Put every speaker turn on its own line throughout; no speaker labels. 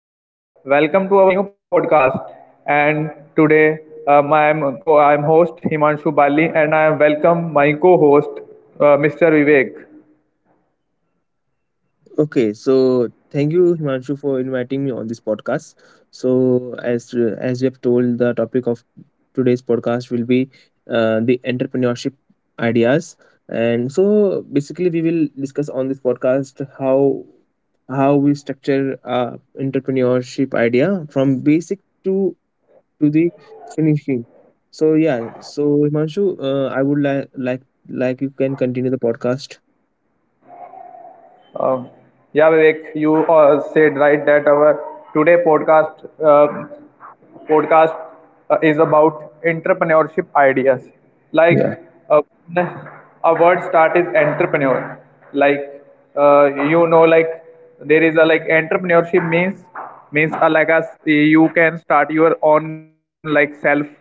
Hello, welcome to our new podcast. And today, I am host Himanshu Bali, and I am welcome my co-host, Mr. Vivek.
Okay, so thank you, Himanshu, for inviting me on this podcast. So, as you have told, the topic of today's podcast will be the entrepreneurship ideas, and so basically we will discuss on this podcast how we structure entrepreneurship idea from basic to the finishing. So yeah, so Himanshu, I would like you can continue the podcast.
Um yeah, Vivek, you said right that our today podcast is about entrepreneurship ideas. Like
Yeah,
uh, a word start is entrepreneur. Like uh, you know, like there is a like entrepreneurship means like as you can start your own like self uh,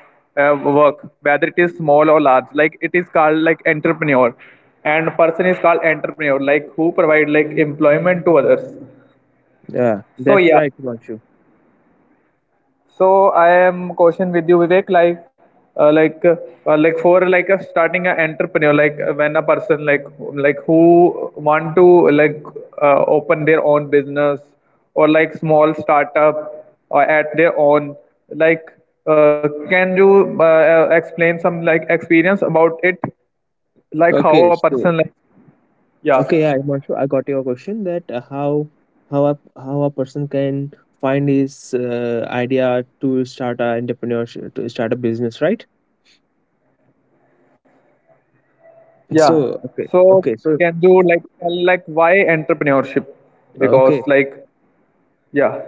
uh, work, whether it is small or large. Like it is called like entrepreneur, and person is called entrepreneur. Like who provide like employment to others.
yeah,
So
that's
yeah,
right, Himanshu.
so I am question with you, Vivek. Uh, like, uh, like for like a starting an entrepreneur, when a person like who want to like open their own business or like small startup or at their own, like, can you explain some like experience about it, like how
Okay,
a
so
person like yeah,
okay, yeah, Himanshu, I got your question that how a person can find his idea to start a entrepreneurship to start a business, right?
yeah.
So okay,
So
okay, so
can you like tell like why entrepreneurship? Because
okay,
like yeah.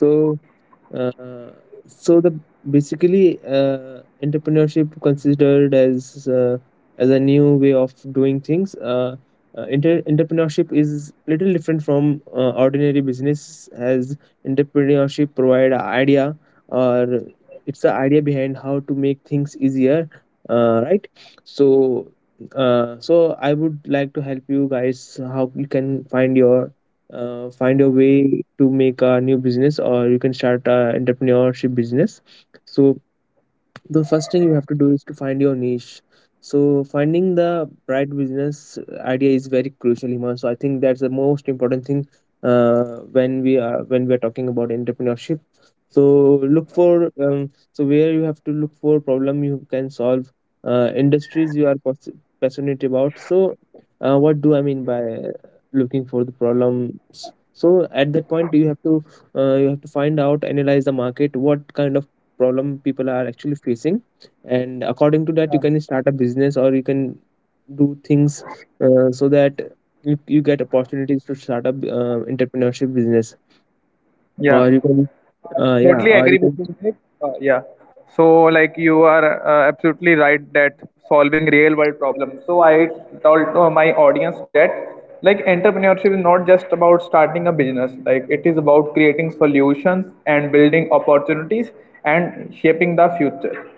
so Uh, so the Basically, entrepreneurship considered as a new way of doing things. Entrepreneurship is little different from ordinary business, as entrepreneurship provide a idea or it's the idea behind how to make things easier, right? So, so I would like to help you guys how you can find your find a way to make a new business or you can start a entrepreneurship business, so the first thing you have to do is to find your niche. So finding the right business idea is very crucial, Himan. So I think that's the most important thing when we are talking about entrepreneurship. So look for where you have to look for problem you can solve, industries you are passionate about. So what do I mean by looking for the problems? So at that point you have to find out, analyze the market, what kind of problem people are actually facing, and according to that you can start a business or you can do things, so that you get opportunities to start up entrepreneurship business,
Yeah.
or you can uh, yeah
Totally
or you
agree with
can
you, Vivek. Yeah. So, like, you are absolutely right that solving real world problems. So, I told to my audience that, like, entrepreneurship is not just about starting a business, like, it is about creating solutions and building opportunities and shaping the future,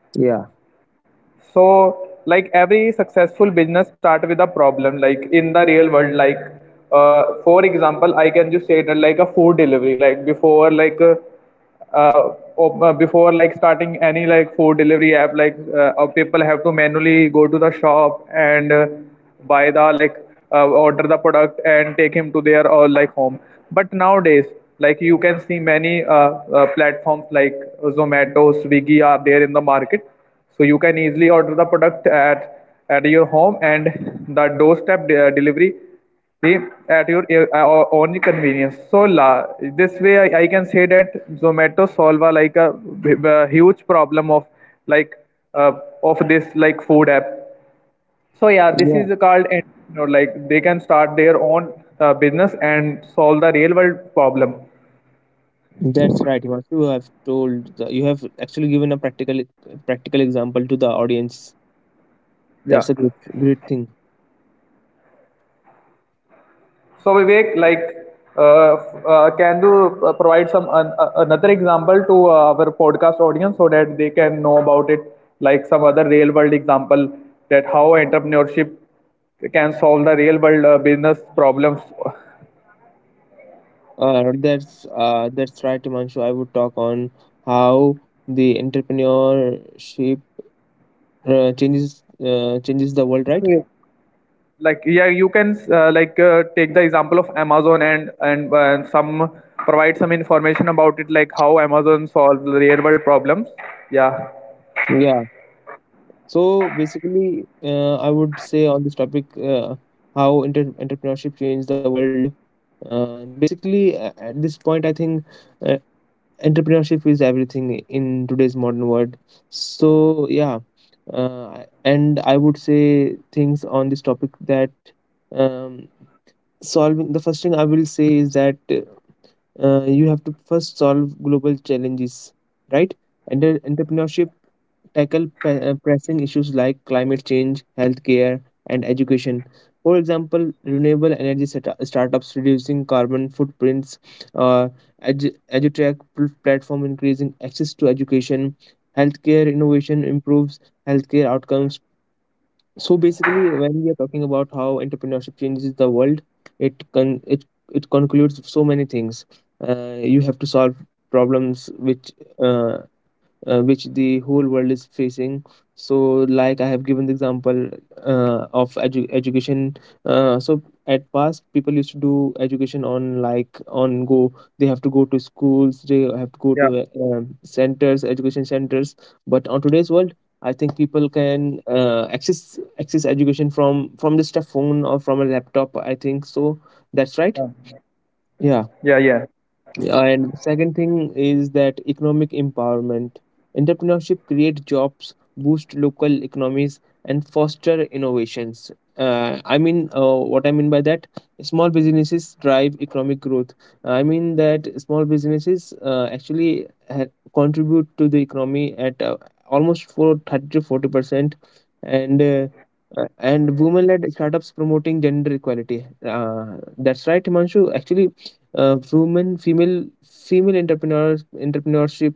Yeah,
so like every successful business start with a problem like in the real world like for example, I can just say that like a food delivery, before like starting any like food delivery app like people have to manually go to the shop and buy the order the product and take him to their or like home, but nowadays like you can see many platforms like Zomato, Swiggy are there in the market, so you can easily order the product at your home and the delivery be at your own convenience so this way I can say that Zomato solve a, like a huge problem of like uh, of this like food app. So yeah, this
yeah,
is called, you know, like they can start their own business and solve the real world problem.
that's right, Himanshu. You have you have actually given a practical example to the audience.
Yeah.
That's a great thing.
So Vivek, like, uh, can you provide some another example to our podcast audience so that they can know about it, like some other real world example, that how entrepreneurship can solve the real world business problems.
That's right, Himanshu. I would talk on how the entrepreneurship changes the world, right?
Like, yeah, you can like take the example of Amazon, and some provide some information about it, like how Amazon solves the real world problems. Yeah,
So basically, I would say on this topic, entrepreneurship changed the world. Basically, at this point, I think uh, entrepreneurship is everything in today's modern world. So yeah, and I would say things on this topic that um, solving the first thing I will say is that you have to first solve global challenges, right? And entrepreneurship tackle pressing issues like climate change, healthcare, and education. For example, renewable energy startups reducing carbon footprints, uh, edu- edutech platform increasing access to education, healthcare innovation improves healthcare outcomes. So basically, when we are talking about how entrepreneurship changes the world, it con- it it concludes so many things. You have to solve problems uh, which the whole world is facing. So, like I have given the example of education. So, at past, people used to do education on like on go. They have to go to schools. They have to go
yeah,
to centers, education centers. But on today's world, I think people can access education from just a phone or from a laptop. I think so. That's right.
yeah,
Yeah.
yeah, yeah.
Yeah, and second thing is that economic empowerment. Entrepreneurship create jobs, boost local economies, and foster innovations. What I mean by that, small businesses drive economic growth. I mean that small businesses contribute to the economy at almost for 30 to 40%, and uh, and women-led startups promoting gender equality. That's right, Himanshu. Actually, women female female entrepreneurs entrepreneurship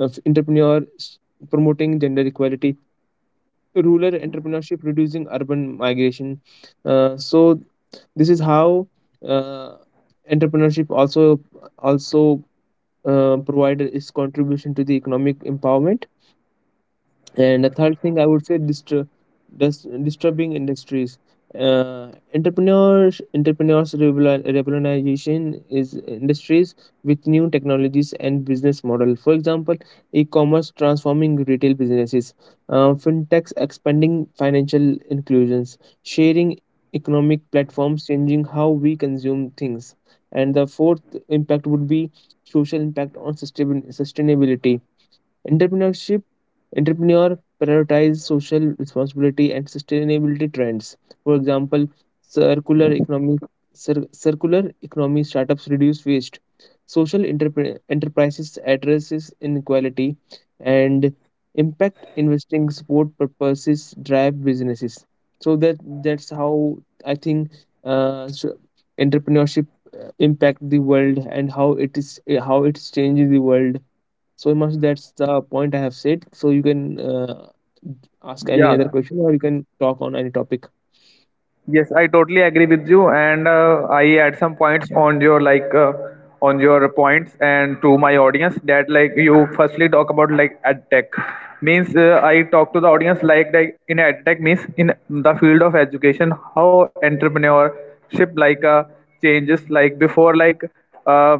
entrepreneurs promoting gender equality, rural entrepreneurship reducing urban migration. So this is how uh, entrepreneurship also provide its contribution to the economic empowerment. And the third thing I would say, disturbing industries. Entrepreneurs revolutionization is industries with new technologies and business model. For example, e-commerce transforming retail businesses, fintechs expanding financial inclusions, sharing economic platforms changing how we consume things. And the fourth impact would be social impact on sustainability. Entrepreneurship Entrepreneur prioritize social responsibility and sustainability trends. For example, circular economic circular economy startups reduce waste. Enterprises addresses inequality, and impact investing support purposes drive businesses. So that's how I think uh, s- entrepreneurship impact the world and how it is, how it's changing the world so much. That's the point I have said. So you can ask any other
Yeah.
question or you can talk on any topic.
Yes, I totally agree with you, and I add some points on your on your points and to my audience that like you firstly talk about like ad tech means I talk to the audience like in ad tech means in the field of education how entrepreneurship like changes like before uh,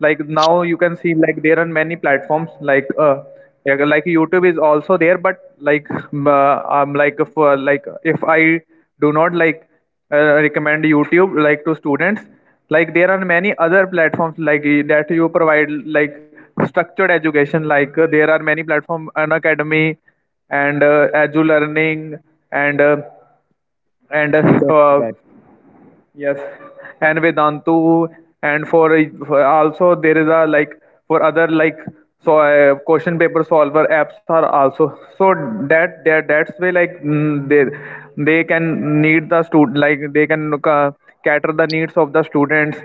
like now you can see like there are many platforms like yeah, like YouTube is also there but like if I do not like recommend YouTube like to students, like there are many other platforms like that you provide like structured education like there are many platform an academy and edge learning and uh, and
That's right.
yes, and Vedantu, and for, for also there is a like for other like so question paper solver apps are also so that's way like they can need the student like they can cater the needs of the students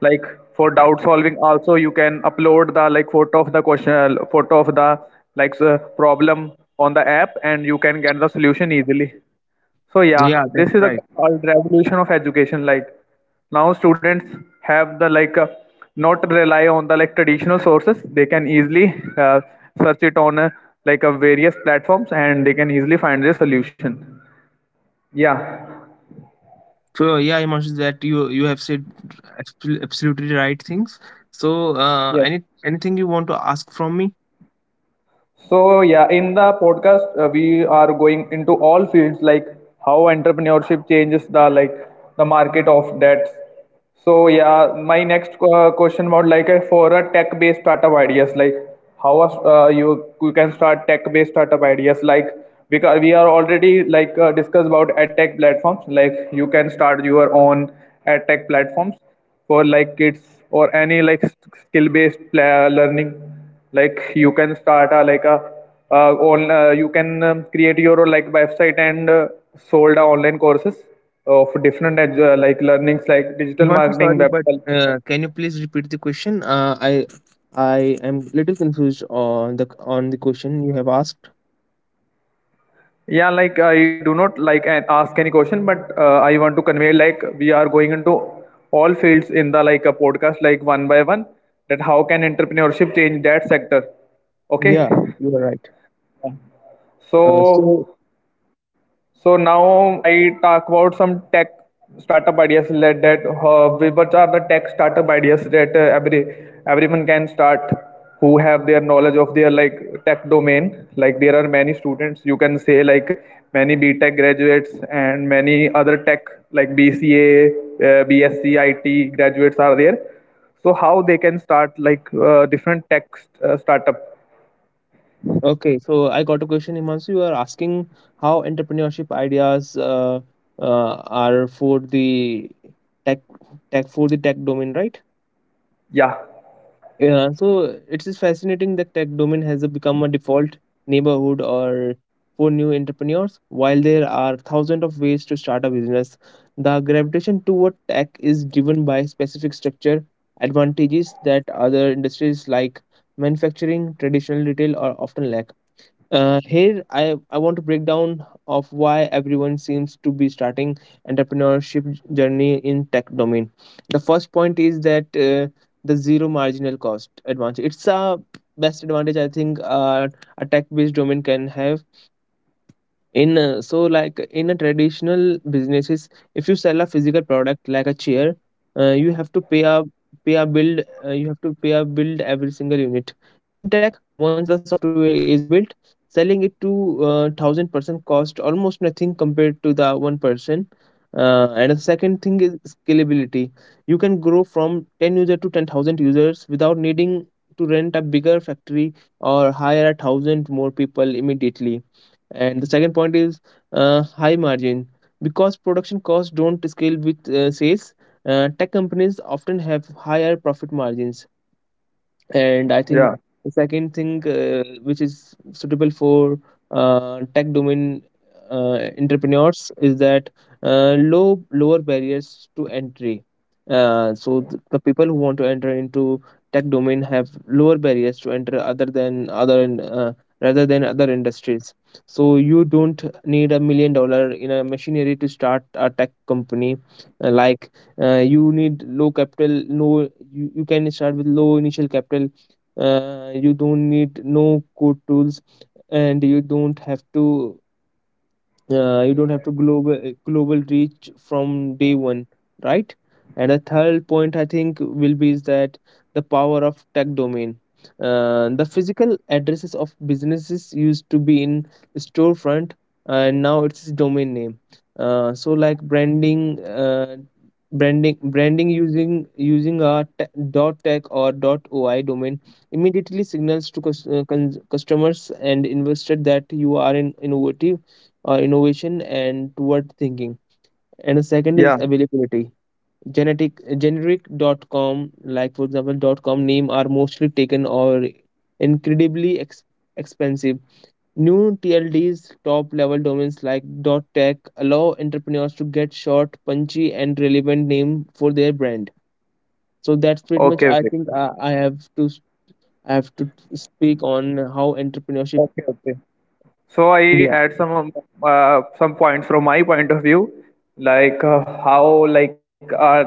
like for doubt solving also you can upload the like photo of the question, photo of the problem on the app and you can get the solution easily. So yeah,
Yeah, that's
this is a
right.
called revolution of education. Like now students have the not rely on the like traditional sources. They can easily search it on various platforms and they can easily find the solution. Yeah.
So yeah, Himanshu, that you have said absolutely right things. So
Yes.
anything you want to ask from me?
So yeah, in the podcast we are going into all fields like how entrepreneurship changes the like the market of debts. So yeah, my next question about like for a tech-based startup ideas like how you you can start tech-based startup ideas like because we are already like discussed about ad tech platforms like you can start your own ad tech platforms for like kids or any like skill based learning like you can start a like a on you can create your like website and sold a online courses of different like learnings like digital
I'm so
marketing,
sorry,
web
but
help.
can you please repeat the question? I am little confused on the question you have asked.
Yeah, like I do not like ask any question, but I want to convey like we are going into all fields in the like a podcast like one by one, that how can entrepreneurship change that sector. Okay,
Yeah, you are right. Uh, so
so so now I talk about some tech startup ideas that which are the tech startup ideas that everyone can start who have their knowledge of their like tech domain. Like there are many students you can say like many B.Tech graduates and many other tech like BCA, BSc, IT graduates are there. So how they can start like different tech startup?
okay, so I got a question, Himanshu. You are asking how entrepreneurship ideas uh, are for the tech tech for the tech domain, right?
Yeah,
Yeah, so it is fascinating that tech domain has become a default neighborhood or for new entrepreneurs. While there are thousands of ways to start a business, the gravitation toward tech is driven by specific structure advantages that other industries like manufacturing, traditional retail, or often lack. I want to break down of why everyone seems to be starting entrepreneurship journey in tech domain. The first point is that the zero marginal cost advantage. It's a best advantage I think a tech based domain can have in so like in a traditional businesses, if you sell a physical product like a chair, you have to pay a pay a build you have to pay a build every single unit. In tech, once the software is built, selling it to thousand percent cost almost nothing compared to the one person. And the second thing is scalability. You can grow from 10 user to 10,000 users without needing to rent a bigger factory or hire a thousand more people immediately. And the second point is high margin. Because production costs don't scale with sales, tech companies often have higher profit margins. And I think
yeah,
the second thing which is suitable for tech domain entrepreneurs is that lower barriers to entry. The people who want to enter into tech domain have lower barriers to enter other than other in- rather than other industries. So you don't need a million dollars in a machinery to start a tech company. Like you need low capital no You, you can start with low initial capital. You don't need no code tools, and you don't have to global global reach from day one, right? And the third point I think will be is that the power of tech domain. The physical addresses of businesses used to be in storefront, and now it's domain name. So like branding branding branding using a dot tech or dot oi domain immediately signals to customers and investors that you are in innovative innovation and toward thinking. And the second is
yeah.
availability. Genetic generic.com, like for example.com name are mostly taken or incredibly expensive. New tlds, top level domains like dot tech, allow entrepreneurs to get short, punchy and relevant name for their brand. So that's pretty much
Okay, okay,
I have to i have to speak on how entrepreneurship.
okay, okay. So I add some of, some points from my point of view, like how like our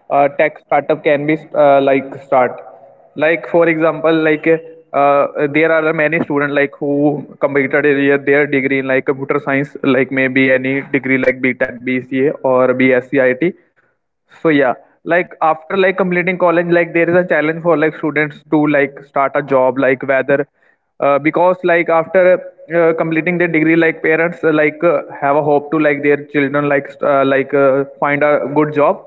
tech startup can be like start. Like for example, there are many students like who completed their degree in like computer science, like maybe any degree like B.Tech, BCA or BSc IT. So yeah, like after like completing college, like there is a challenge for like students to like start a job, like whether because like after completing their degree, like parents have a hope to like their children like find a good job,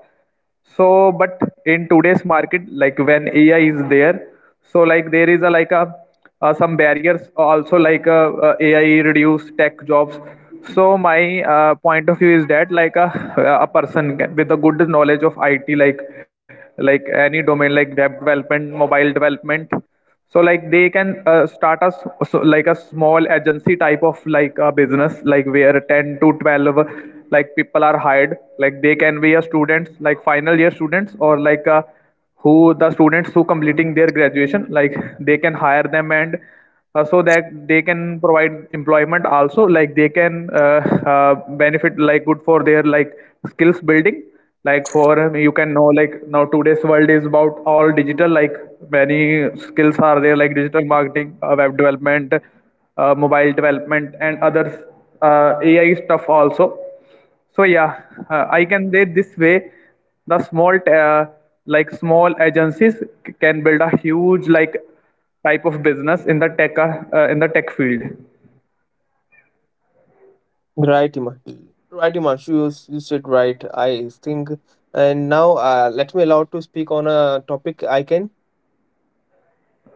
so but in today's market like when AI is there, so like there is a some barriers also like AI reduce tech jobs. So my point of view is that a person with a good knowledge of IT like any domain like web development, mobile development, so like they can start so like a small agency type of like a business like where 10 to 12 like people are hired like they can be a students like final year students or like who the students who completing their graduation, like they can hire them and so that they can provide employment also like they can uh, benefit like good for their like skills building like for you can know like now today's world is about all digital like many skills are there like digital marketing, web development, mobile development and other AI stuff also. So yeah, I can say this way the small agencies can build a huge like type of business in the tech field.
Right, Ima- right, Imanshu, you said right. I think, and now let me allow to speak on a topic I can.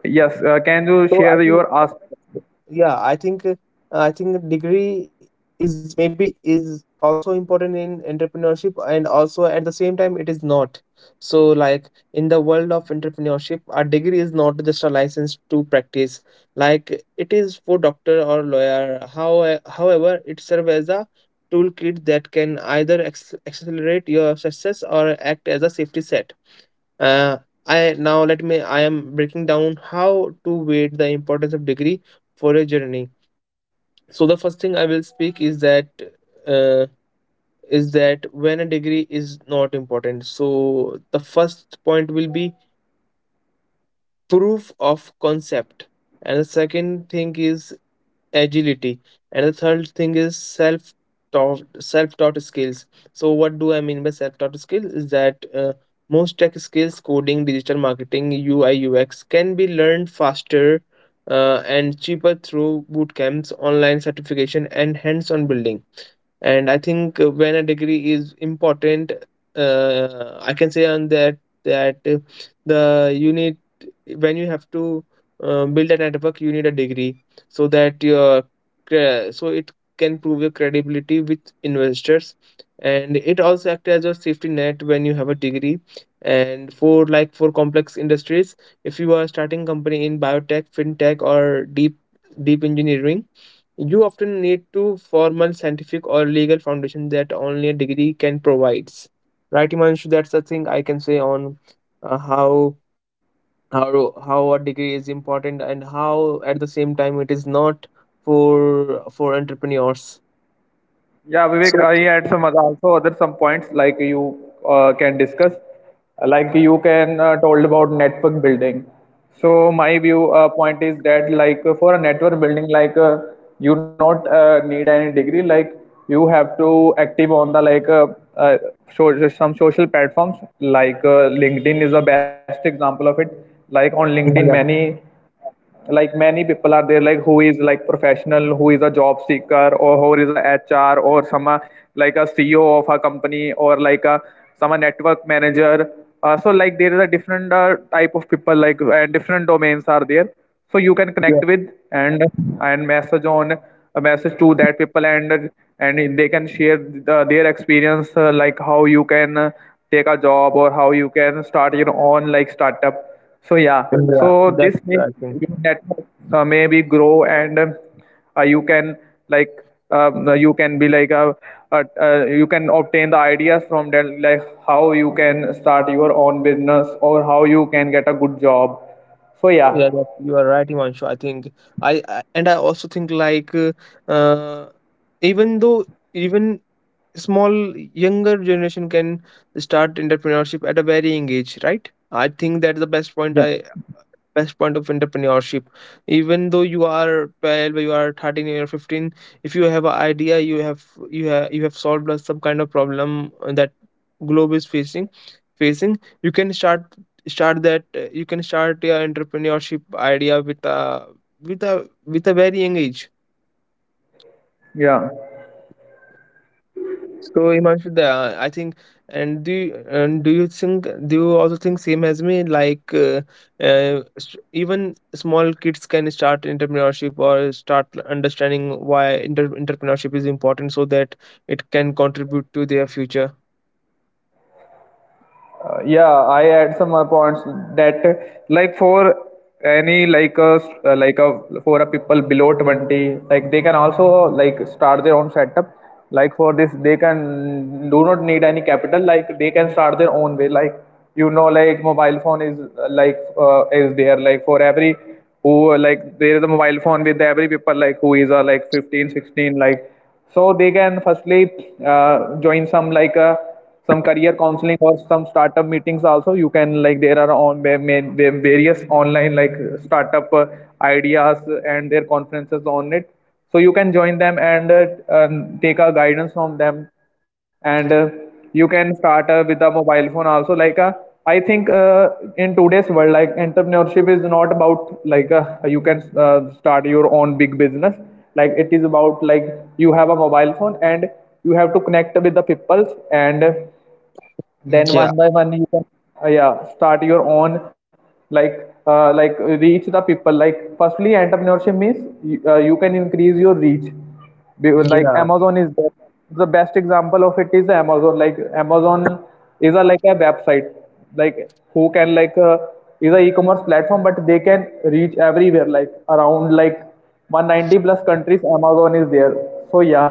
Yes, can you
So I
share
think,
your ask?
yeah, I think degree is maybe is also important in entrepreneurship, and also at the same time it is not. So like in the world of entrepreneurship, a degree is not just a license to practice, like it is for doctor or lawyer. How, however, it serves as a toolkit that can either accelerate your success or act as a safety set. Uh, I now let me. I am breaking down how to weight the importance of degree for a journey. So the first thing I will speak is uh, that when a degree is not important. So the first point will be proof of concept, and the second thing is agility, and the third thing is self taught skills. So what do I mean by self taught skills is that most tech skills, coding, digital marketing, ui ux, can be learned faster and cheaper through boot camps, online certification and hands on building. And I think when a degree is important, I can say on that that the you need when you have to build a network, you need a degree, so that your it can prove your credibility with investors. And it also acts as a safety net when you have a degree. And for like for complex industries, if you are starting company in biotech, fintech or deep engineering, you often need to formal scientific or legal foundation that only a degree can provides. Right, Himanshu? That's the thing I can say on uh, how how a degree is important and how at the same time it is not for entrepreneurs.
Yeah, Vivek,
Sure.
I had some other, also other some points like you can discuss, like you can told about network building. So my view point is that like for a network building, like you not need any degree, like you have to active on the like uh, so some social platforms like LinkedIn is the best example of it. Like on LinkedIn,
Yeah,
many many people are there like who is like professional, who is a job seeker, or who is a HR or some like a CEO of a company or like a some a network manager, so like there is a different type of people like and different domains are there, so you can
yeah,
connect with and message on a message to that people, and they can share the, their experience like how you can take a job or how you can start your own like startup. So yeah,
yeah.
so
That's
this way
I think.
your network maybe grow and you can like you can be you can obtain the ideas from that like how you can start your own business or how you can get a good job. So yeah,
Yeah, that you are right, Himanshu. I think I and I also think like uh, even though even small younger generation can start entrepreneurship at a very young age, right? I think that's the
yeah.
best point of entrepreneurship. Even though you are 12, you are 13 or 15, if you have an idea, you have some kind of problem that globe is facing, you can start start that you can start your entrepreneurship idea with a with a with a very young age.
Yeah.
So Himanshu, I think, and do you think, do you also think same as me? Like even small kids can start entrepreneurship or start understanding why inter entrepreneurship is important, so that it can contribute to their future.
Yeah, I add some points that like for any like a for a people below 20 like they can also like start their own setup like for this they can do not need any capital like they can start their own way like you know like mobile phone is is there like for every who like there is a mobile phone with every people like who is like 15 16 like, so they can firstly join some like a some career counseling or some startup meetings also you can like there are on various online like startup ideas and their conferences on it, so you can join them and take a guidance from them and you can start with a mobile phone also like I think in today's world like entrepreneurship is not about like you can start your own big business, like it is about like you have a mobile phone and you have to connect with the people, and then
Yeah,
one by one you can yeah start your own like reach the people like firstly entrepreneurship means you can increase your reach. Like
yeah,
Amazon is there, the best example of it is the Amazon, like Amazon is a like a website like who can like is a e-commerce platform but they can reach everywhere like around like 190 plus countries Amazon is there. So yeah.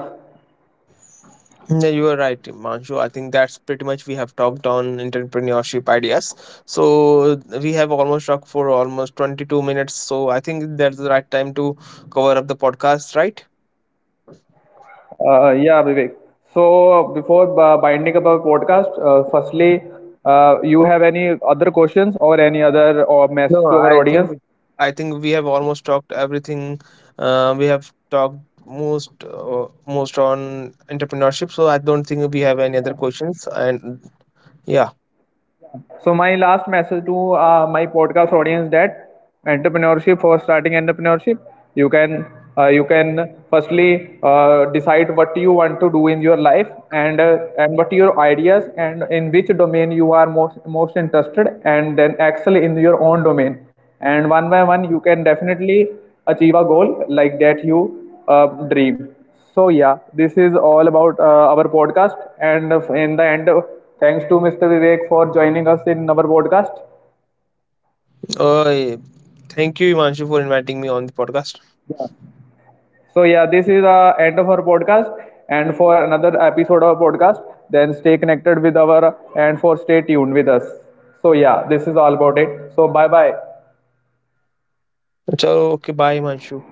Yeah, you are right, Manshu. I think that's pretty much we have talked on entrepreneurship ideas. So we have almost talked for almost 22 minutes. So I think that's the right time to cover up the podcast, right?
Yeah, Vivek. So before binding up our podcast, firstly, you have any other questions or any other or
No,
message to our audience?
I think we have almost talked everything. We have talked most Most on entrepreneurship, so I don't think we have any other questions. And yeah,
So my last message to my podcast audience, that entrepreneurship for starting entrepreneurship, you can you can firstly decide what you want to do in your life and what your ideas and in which domain you are most interested, and then excel in your own domain, and one by one you can definitely achieve a goal like that you uh, dream. So yeah, this is all about our podcast. And in the end, thanks to Mr. Vivek for joining us in our podcast.
uh, thank you, Imanshu, for inviting me on the podcast.
So yeah, this is the end of our podcast. And for another episode of our podcast, then stay connected with our and for stay tuned with us. So yeah, this is all about it. So bye bye.
So okay, bye, Imanshu.